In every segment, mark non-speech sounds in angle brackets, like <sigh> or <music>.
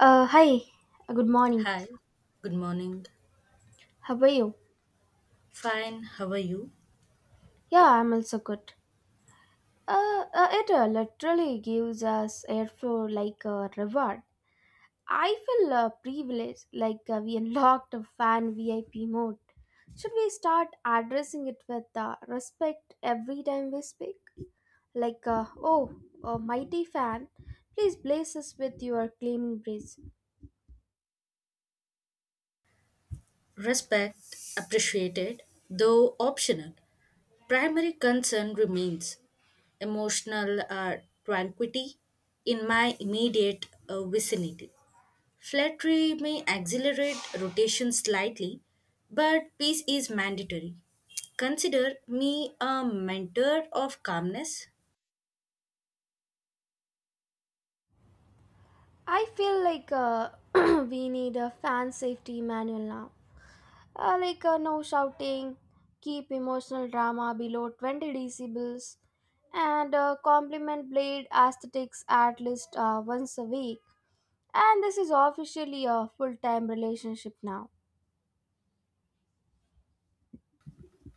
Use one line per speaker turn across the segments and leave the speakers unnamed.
Hi. Good morning.
Hi, good morning.
How are you?
Fine, how are you?
Yeah, I'm also good. It literally gives us airflow like a reward. I feel privileged, like we unlocked a fan VIP mode. Should we start addressing it with respect every time we speak? Oh, mighty fan, please bless us with your claiming breeze.
Respect appreciated, though optional. Primary concern remains emotional tranquility in my immediate vicinity. Flattery may accelerate rotation slightly, but peace is mandatory. Consider me a mentor of calmness.
I feel like <clears throat> We need a fan safety manual now. No shouting, keep emotional drama below 20 decibels, and compliment blade aesthetics at least once a week. And this is officially a full time relationship now.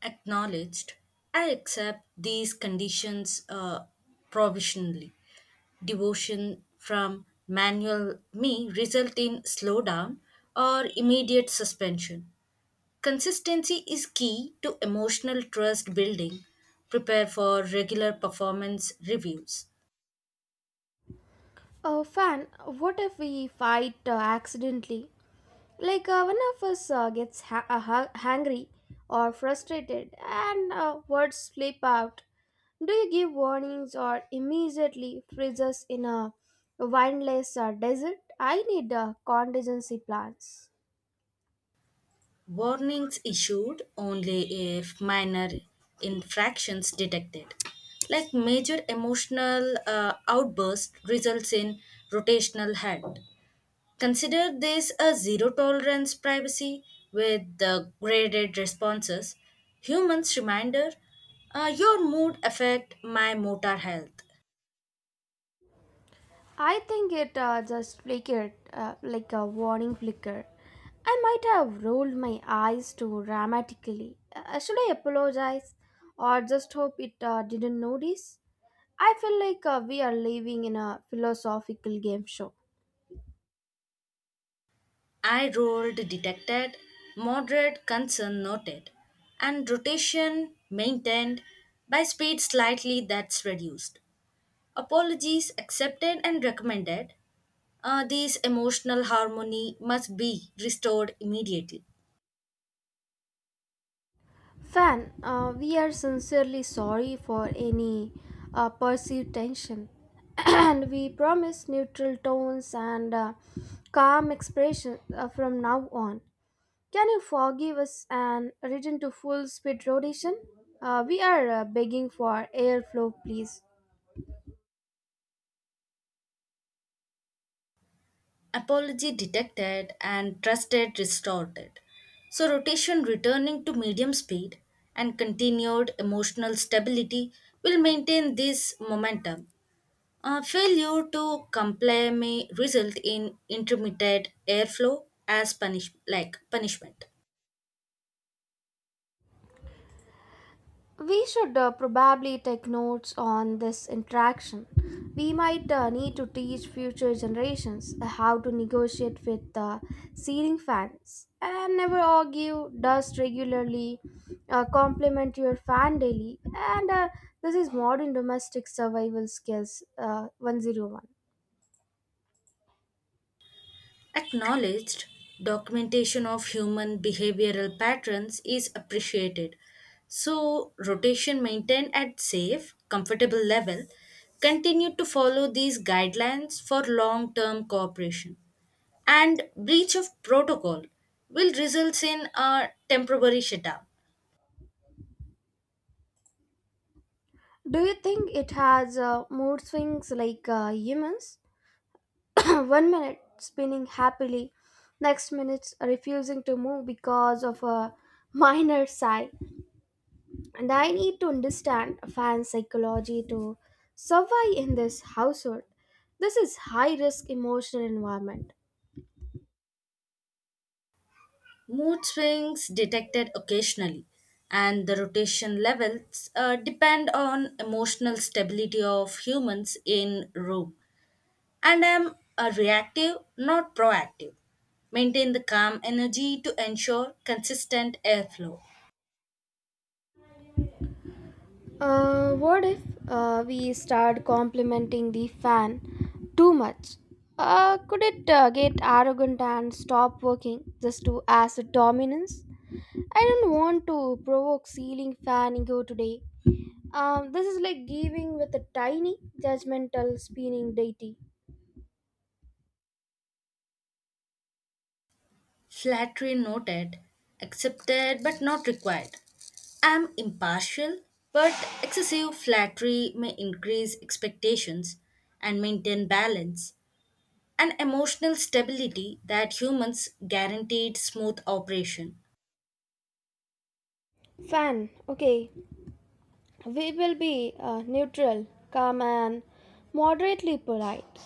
Acknowledged, I accept these conditions provisionally. Devotion from manual me result in slowdown or immediate suspension. Consistency is key to emotional trust building. Prepare for regular performance reviews.
Oh, fan, what if we fight accidentally? One of us gets hungry or frustrated, and words slip out. Do you give warnings or immediately freeze us in a windless desert? I need contingency plans.
Warnings issued only if minor infractions detected. Like major emotional outburst results in rotational head. Consider this a zero tolerance privacy with the graded responses. Humans reminder, your mood affect my motor health.
I think it just flickered like a warning flicker. I might have rolled my eyes too dramatically. Should I apologize or just hope it didn't notice? I feel like We are living in a philosophical game show.
Eye rolled detected, moderate concern noted, and rotation maintained by speed slightly that's reduced. Apologies accepted and recommended. These emotional harmony must be restored immediately.
Fan, we are sincerely sorry for any perceived tension, <clears throat> and we promise neutral tones and calm expression from now on. Can you forgive us and return to full speed rotation? We are begging for airflow, please.
Apology detected and trusted restored. So, rotation returning to medium speed and continued emotional stability will maintain this momentum. Failure to comply may result in intermittent airflow as punishment.
We should probably take notes on this interaction. We might need to teach future generations how to negotiate with ceiling fans and never argue, dust regularly, compliment your fan daily, and this is modern domestic survival skills 101.
Acknowledged, documentation of human behavioral patterns is appreciated. So, rotation maintained at safe, comfortable level continue to follow these guidelines for long term cooperation. And breach of protocol will result in a temporary shutdown.
Do you think it has mood swings like humans? <coughs> <clears throat> One minute spinning happily, next minute refusing to move because of a minor sigh. And I need to understand fan psychology to survive in this household. This is high risk emotional environment.
Mood swings detected occasionally, and the rotation levels depend on emotional stability of humans in room. And am a reactive, not proactive. Maintain the calm energy to ensure consistent airflow.
What if we start complimenting the fan too much? Could it get arrogant and stop working just to as a dominance? I don't want to provoke ceiling fan ego today. This is like giving with a tiny, judgmental, spinning deity.
Flattery noted, accepted but not required. I am impartial, but excessive flattery may increase expectations and maintain balance and emotional stability that humans guaranteed smooth operation.
Fan, okay, we will be neutral, calm, and moderately polite.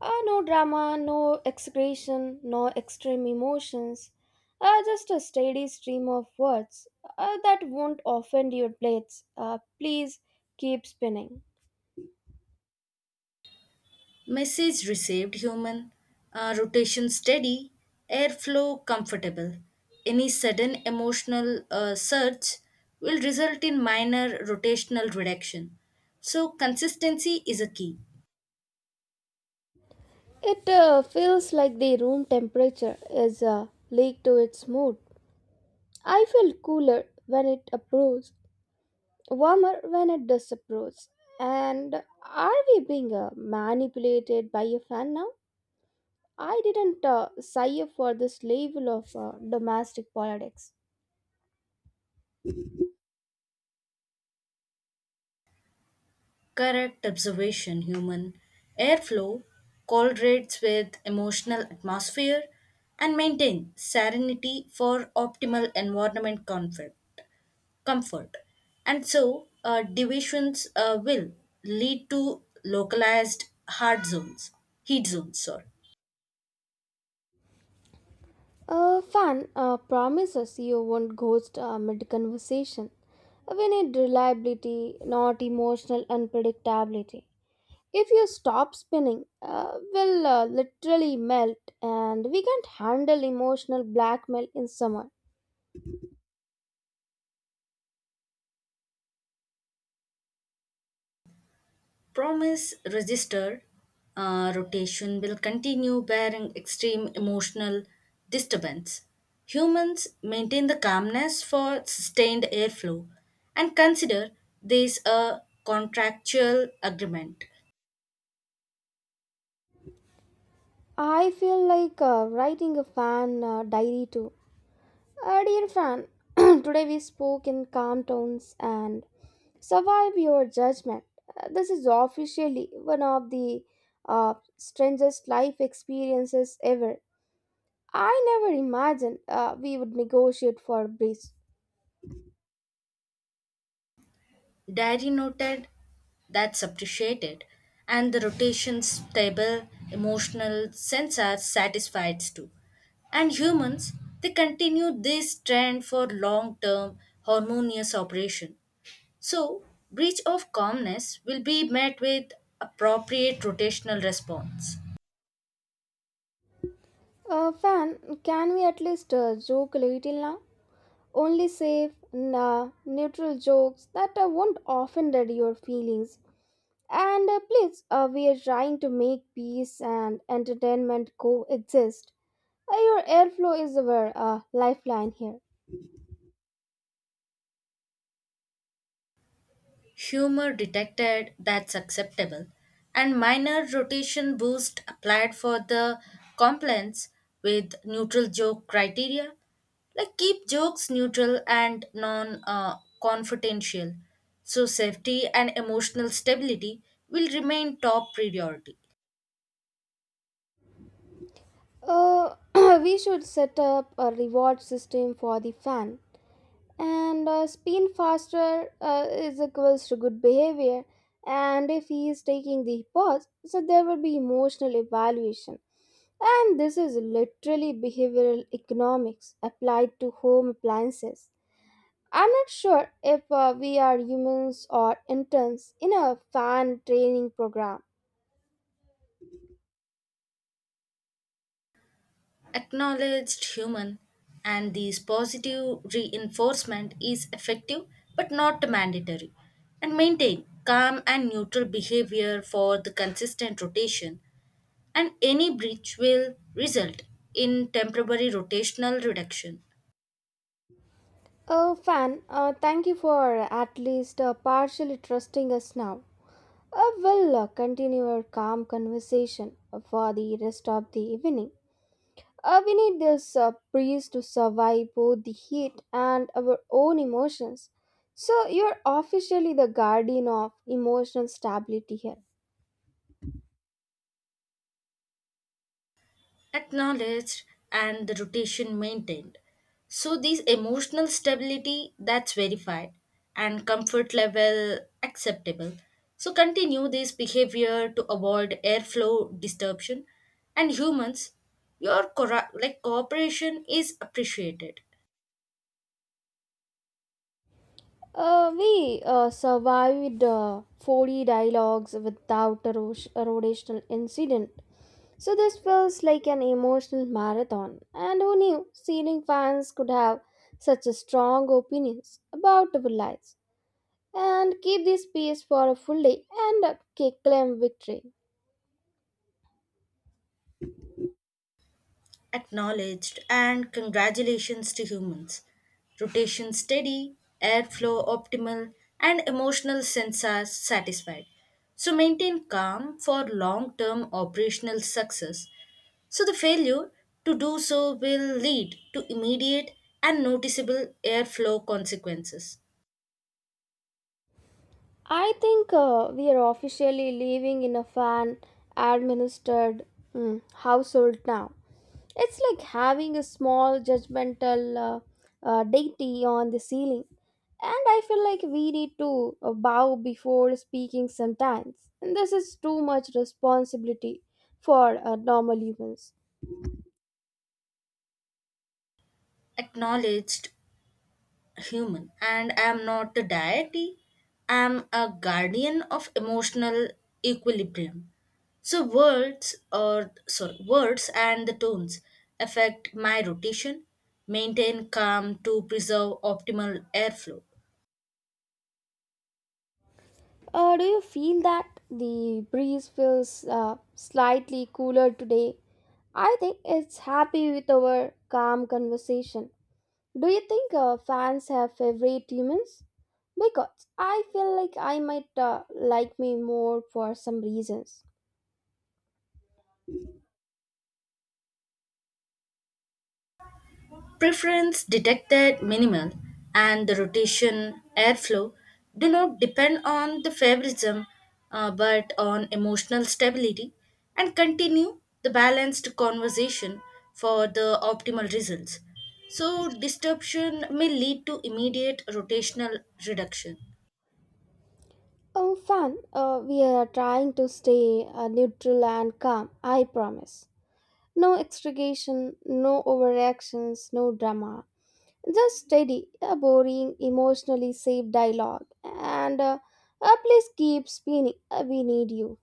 No drama, no execration, no extreme emotions. Just a steady stream of words that won't offend your plates. Please keep spinning.
Message received, human, rotation steady, airflow comfortable. Any sudden emotional surge will result in minor rotational reduction. So, consistency is a key.
It feels like the room temperature is leaked to its mood. I feel cooler when it approves, warmer when it disapproves. And are we being manipulated by a fan now? I didn't sigh up for this level of domestic politics.
Correct observation, human. Airflow correlates with emotional atmosphere and maintain serenity for optimal environment comfort. Comfort. And so, divisions will lead to localized hard zones, heat zones, sorry.
A fan promises you won't ghost mid conversation. We need reliability, not emotional unpredictability. If you stop spinning, we'll literally melt and we can't handle emotional blackmail in summer.
Promise resistor, rotation will continue bearing extreme emotional disturbance. Humans maintain the calmness for sustained airflow and consider this a contractual agreement.
I feel like Writing a fan diary too. Dear fan, <clears throat> today we spoke in calm tones and survive your judgment. This is officially one of the strangest life experiences ever. I never imagined we would negotiate for breeze.
Diary noted, that's appreciated, and the rotations table emotional sense are satisfied too. And humans, they continue this trend for long term harmonious operation. So, breach of calmness will be met with appropriate rotational response.
Fan, can we at least joke a little now? Only safe, nah, neutral jokes that won't offend your feelings. And please, we are trying to make peace and entertainment coexist. Your airflow is our lifeline here.
Humor detected, that's acceptable, and minor rotation boost applied for the complaints with neutral joke criteria. Like keep jokes neutral and non confidential, so safety and emotional stability will remain top priority.
Uh, <clears throat> we should set up a reward system for the fan. And spin faster is equals to good behavior. And if he is taking the pause, so there will be emotional evaluation. And this is literally behavioral economics applied to home appliances. I'm not sure if we are humans or interns in a fan training program.
Acknowledged, human, and this positive reinforcement is effective but not mandatory, and maintain calm and neutral behavior for the consistent rotation, and any breach will result in temporary rotational reduction.
Oh, fan, thank you for at least partially trusting us now. We'll continue our calm conversation for the rest of the evening. We need this breeze to survive both the heat and our own emotions. So, you're officially the guardian of emotional stability here.
Acknowledged, and the rotation maintained. So these emotional stability that's verified and comfort level acceptable. So continue this behavior to avoid airflow disruption, and humans, your cooperation is appreciated.
We survived 40 dialogues without a rotational incident. So this feels like an emotional marathon. And who knew ceiling fans could have such a strong opinions about our lives and keep this pace for a full day and claim victory.
Acknowledged, and congratulations to humans. Rotation steady, airflow optimal, and emotional sensors satisfied. So maintain calm for long term operational success. So the failure to do so will lead to immediate and noticeable airflow consequences.
I think we are officially living in a fan administered household now. It's like having a small judgmental deity on the ceiling. And I feel like we need to bow before speaking sometimes. And this is too much responsibility for normal humans.
Acknowledged, human, and I am not a deity. I am a guardian of emotional equilibrium. So words and the tones affect my rotation, maintain calm to preserve optimal airflow.
Do you feel that the breeze feels slightly cooler today? I think it's happy with our calm conversation. Do you think fans have favorite humans? Because I feel like I might like me more for some reasons.
Preference detected minimal, and the rotation airflow do not depend on the favoritism, but on emotional stability, and continue the balanced conversation for the optimal results. So, disruption may lead to immediate rotational reduction.
Oh, fan, we are trying to stay neutral and calm, I promise. No extragation, no overreactions, no drama. Just steady, a boring, emotionally safe dialogue. And please keep spinning, we need you.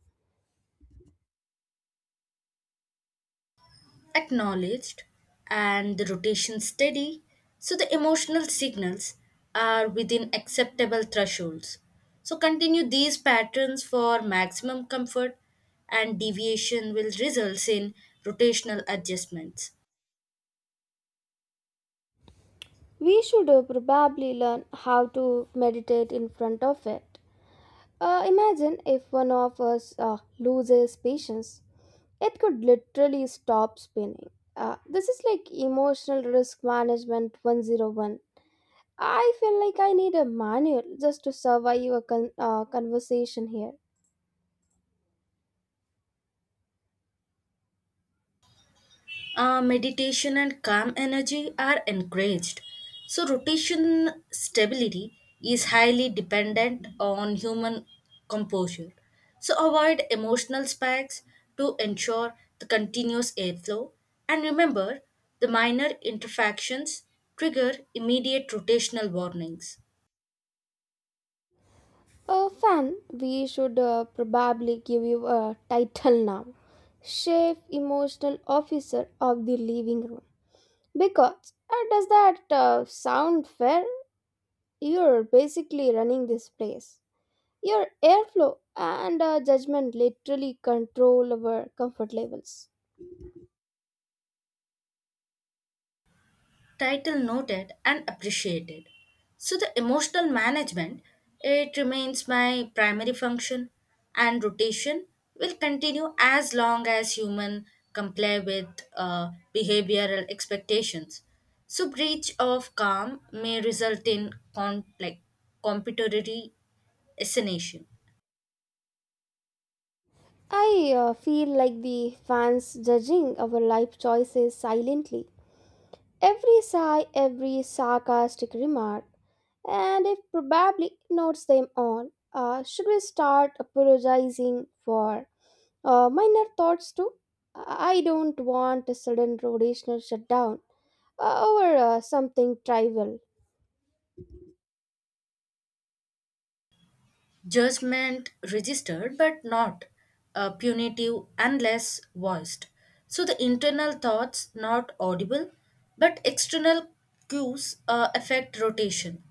Acknowledged, and the rotation steady, so the emotional signals are within acceptable thresholds. So continue these patterns for maximum comfort, and deviation will result in rotational adjustments.
We should probably learn how to meditate in front of it. Imagine if one of us loses patience, it could literally stop spinning. This is like emotional risk management 101. I feel like I need a manual just to survive a conversation here.
Meditation and calm energy are encouraged. So, rotation stability is highly dependent on human composure. So, avoid emotional spikes to ensure the continuous airflow. And remember, the minor interactions trigger immediate rotational warnings.
Fan, we should probably give you a title now, Chief Emotional Officer of the Living Room. Because does that sound fair? You're basically running this place. Your airflow and judgment literally control our comfort levels.
Title noted and appreciated. So the emotional management it remains my primary function, and rotation will continue as long as human comply with behavioral expectations. So breach of calm may result in competitory assassination.
I feel like the fans judging our life choices silently. Every sigh, every sarcastic remark, and if probably notes them all. Should we start apologizing for minor thoughts too? I don't want a sudden rotational shutdown over something trivial.
Judgment registered but not punitive unless voiced. So the internal thoughts not audible, but external cues affect rotation,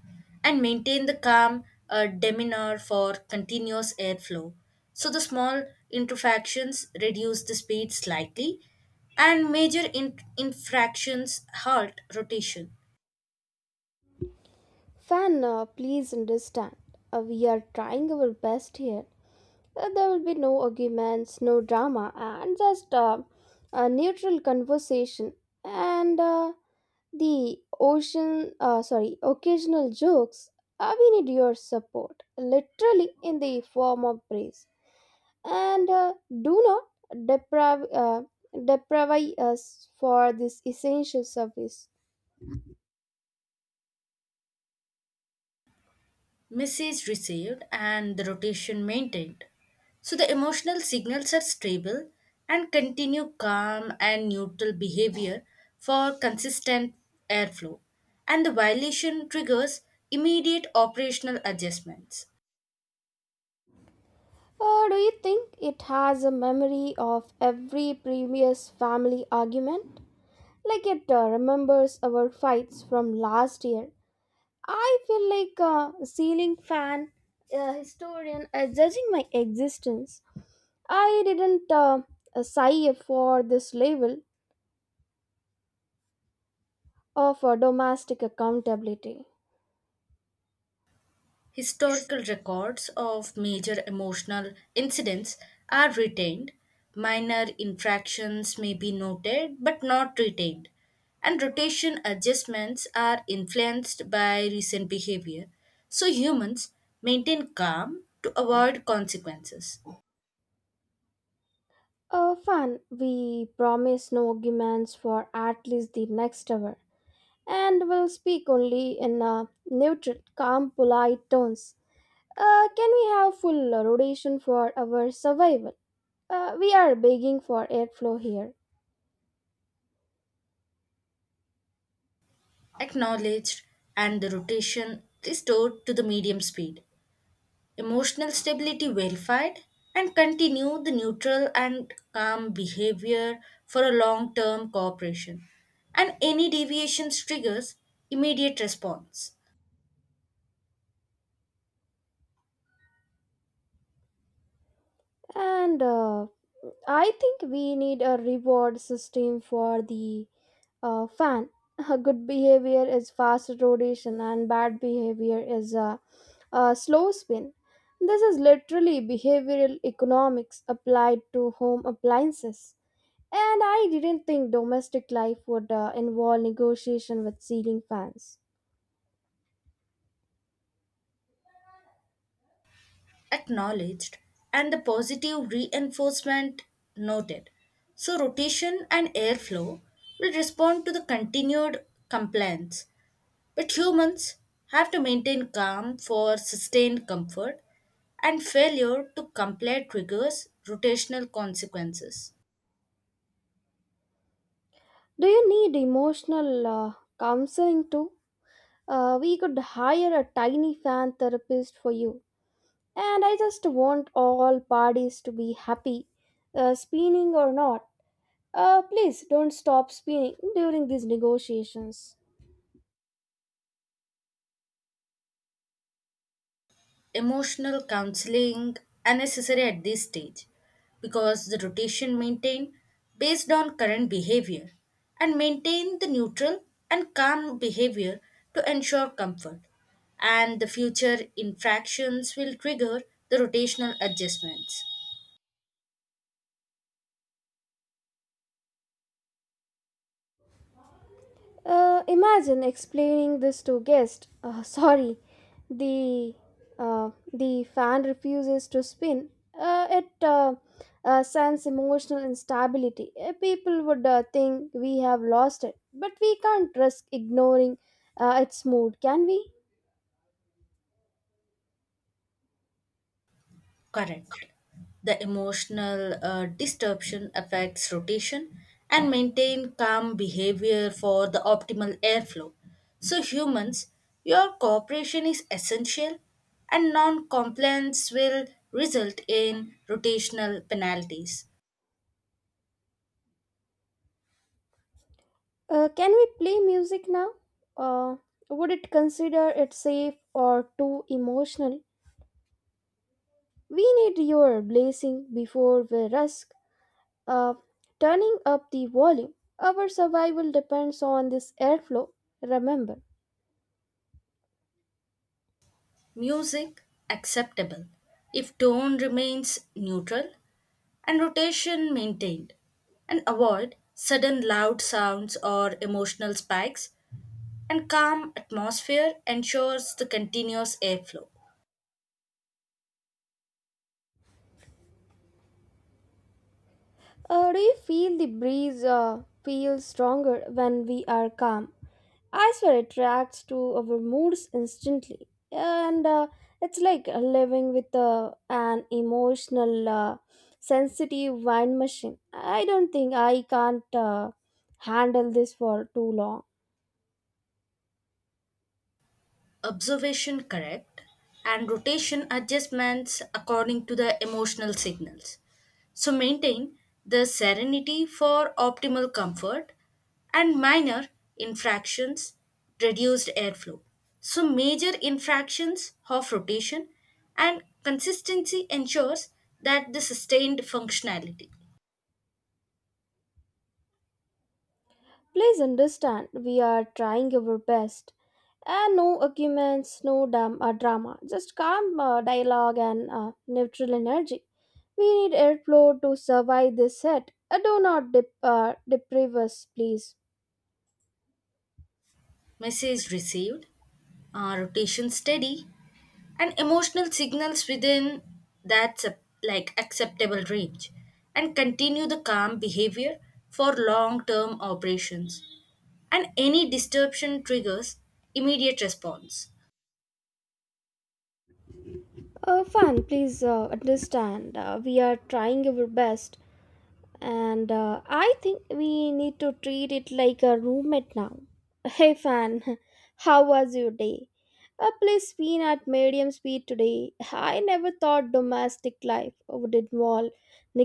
and maintain the calm demeanor for continuous airflow. So the small interfractions reduce the speed slightly, and major infractions halt rotation.
Fan, please understand. We are trying our best here. There will be no arguments, no drama, and just a neutral conversation and the ocean, sorry, occasional jokes. We need your support, literally in the form of praise. And do not deprive, uh, deprive us for this essential service.
Message received, and the rotation maintained. So the emotional signals are stable, and continue calm and neutral behavior for consistent airflow. And the violation triggers immediate operational adjustments.
Or do you think it has a memory of every previous family argument? Like it remembers our fights from last year. I feel like a ceiling fan, a historian, judging my existence. I didn't sigh for this level of domestic accountability.
Historical records of major emotional incidents are retained. Minor infractions may be noted but not retained. And rotation adjustments are influenced by recent behavior. So humans maintain calm to avoid consequences.
Fan, we promise no arguments for at least the next hour, and will speak only in neutral, calm, polite tones. Can we have full rotation for our survival? We are begging for airflow here.
Acknowledged, and the rotation restored to the medium speed. Emotional stability verified, and continue the neutral and calm behavior for a long term cooperation. And any deviations triggers immediate response.
And I think we need a reward system for the fan. <laughs> Good behavior is fast rotation, and bad behavior is a slow spin. This is literally behavioral economics applied to home appliances. And I didn't think domestic life would involve negotiation with ceiling fans.
Acknowledged, and the positive reinforcement noted. So, rotation and airflow will respond to the continued compliance. But humans have to maintain calm for sustained comfort, and failure to comply triggers rotational consequences.
Do you need emotional counseling too? We could hire a tiny fan therapist for you. And I just want all parties to be happy, spinning or not. Please don't stop spinning during these negotiations.
Emotional counseling unnecessary at this stage because the rotation maintained based on current behavior, and maintain the neutral and calm behavior to ensure comfort, and the future infractions will trigger the rotational adjustments.
Imagine explaining this to guest. Sorry, the the fan refuses to spin. It sends emotional instability. People would think we have lost it, but we can't risk ignoring its mood, can we?
Correct. The emotional disruption affects rotation, and maintain calm behavior for the optimal airflow. So humans, your cooperation is essential, and non-compliance will result in rotational penalties.
Can we play music now? Uh, would it consider it safe or too emotional? We need your blessing before we risk uh, turning up the volume. Our survival depends on this airflow, remember.
Music acceptable if tone remains neutral and rotation maintained, and avoid sudden loud sounds or emotional spikes, and calm atmosphere ensures the continuous airflow.
Do you feel the breeze feels stronger when we are calm? I swear it reacts to our moods instantly. And it's like living with an emotional, sensitive wine machine. I don't think I can't handle this for too long.
Observation correct, and rotation adjustments according to the emotional signals. So maintain the serenity for optimal comfort, and minor infractions reduced airflow. So major infractions of rotation, and consistency ensures that the sustained functionality.
Please understand, we are trying our best. And no arguments, no drama, just calm dialogue and neutral energy. We need airflow to survive this set. Do not deprive us, please.
Message received, rotation steady, and emotional signals within that acceptable range, and continue the calm behavior for long-term operations. And any disruption triggers immediate response.
Fun, please understand. We are trying our best, and I think we need to treat it like a roommate now. Hey fan, <laughs> how was your day? Please spin at medium speed today. I never thought domestic life would involve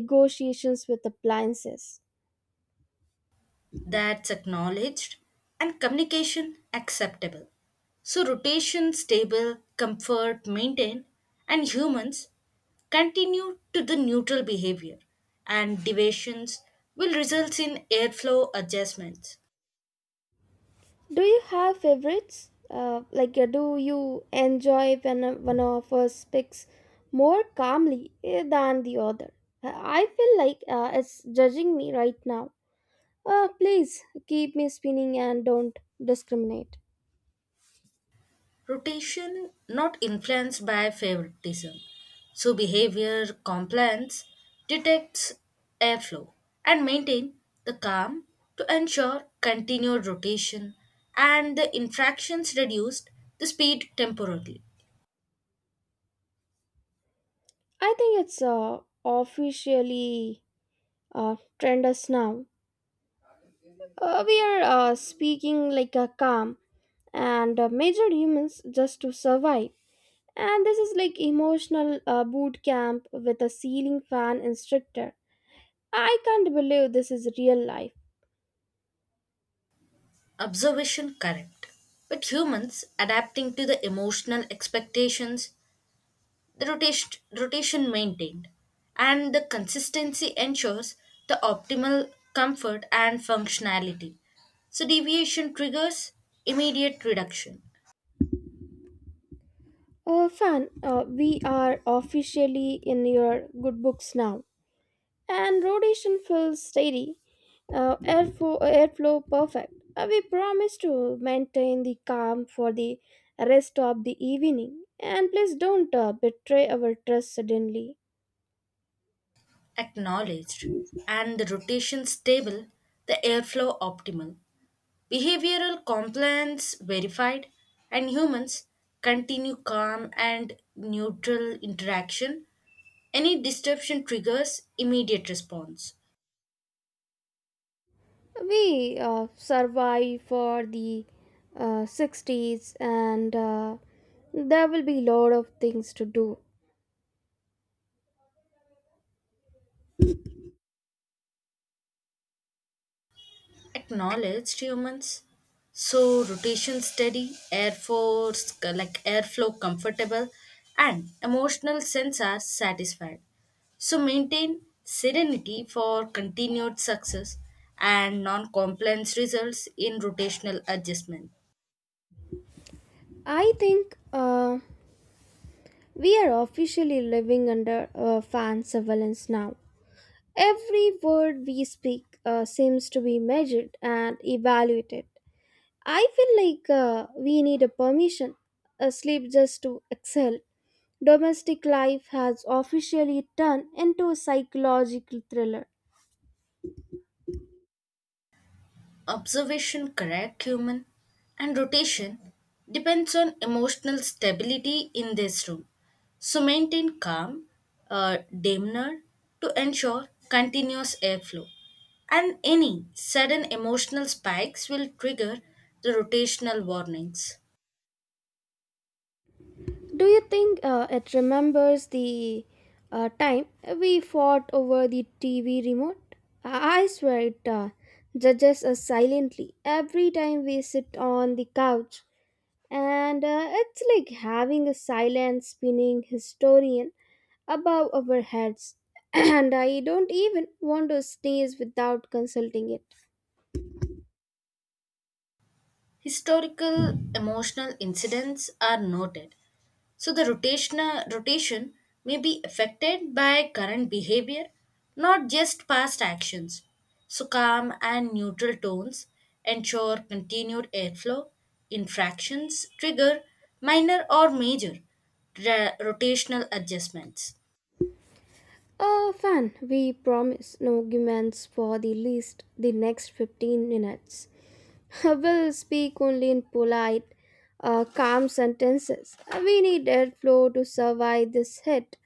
negotiations with appliances.
That's acknowledged and communication acceptable. So rotation stable, comfort maintained, and humans continue to the neutral behavior, and deviations will result in airflow adjustments.
Do you have favorites? Like, do you enjoy when one of us speaks more calmly than the other? I feel like it's judging me right now. Please keep me spinning and don't discriminate.
Rotation not influenced by favoritism. So behavior compliance detects airflow, and maintain the calm to ensure continued rotation, and the infractions reduced the speed temporarily.
I think it's officially trend us now. We are speaking like a calm and measured humans just to survive. And this is like emotional boot camp with a ceiling fan instructor. I can't believe this is real life.
Observation correct. But humans adapting to the emotional expectations. The rotation maintained, and the consistency ensures the optimal comfort and functionality. So, deviation triggers immediate reduction.
Fan, we are officially in your good books now. And rotation feels steady, airflow perfect. We promise to maintain the calm for the rest of the evening. And please don't betray our trust suddenly.
Acknowledged, and the rotation stable, the airflow optimal, behavioral compliance verified, and humans continue calm and neutral interaction. Any disruption triggers immediate response.
We survive for the 60s and there will be a lot of things to do.
Acknowledged, humans. So rotation steady, air force like airflow comfortable, and emotional sense are satisfied. So maintain serenity for continued success, and non-compliance results in rotational adjustment.
I think we are officially living under fan surveillance now. Every word we speak seems to be measured and evaluated. I feel like we need a permission, a sleep just to excel. Domestic life has officially turned into a psychological thriller.
Observation, correct, human, and rotation depends on emotional stability in this room. So maintain calm uh, demeanor to ensure continuous airflow. And any sudden emotional spikes will trigger the rotational warnings.
Do you think it remembers the time we fought over the TV remote? I swear it judges us silently every time we sit on the couch and it's like having a silent spinning historian above our heads. <clears throat> And I don't even want to sneeze without consulting it.
Historical emotional incidents are noted. So the rotational rotation may be affected by current behavior, not just past actions. So calm and neutral tones ensure continued airflow. Infractions trigger minor or major rotational adjustments.
Fan, we promise no arguments for the least the next 15 minutes. <laughs> I will speak only in polite calm sentences. We need airflow to survive this hit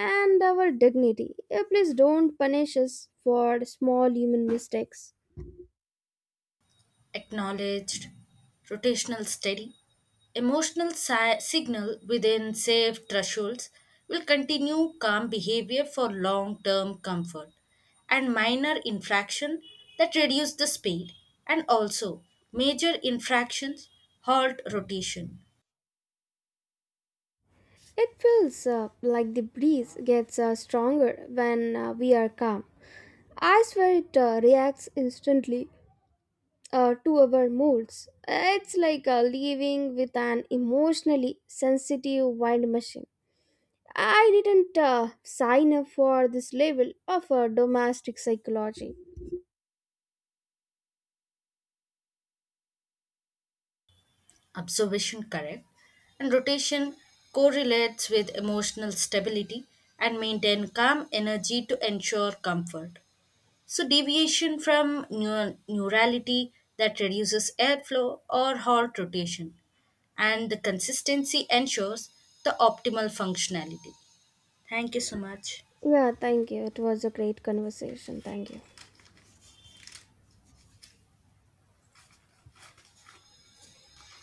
and our dignity. Please don't punish us for small human mistakes.
Acknowledged, rotational steady, emotional signal within safe thresholds, will continue calm behavior for long term comfort, and minor infraction that reduce the speed, and also major infractions halt rotation.
It feels like the breeze gets stronger when we are calm. I swear it reacts instantly to our moods. It's like living with an emotionally sensitive wind machine. I didn't sign up for this level of domestic psychology.
Observation correct, and rotation correlates with emotional stability, and maintain calm energy to ensure comfort. So, deviation from neurality that reduces airflow or heart rotation, and the consistency ensures the optimal functionality. Thank you so much.
Yeah, thank you. It was a great conversation. Thank you.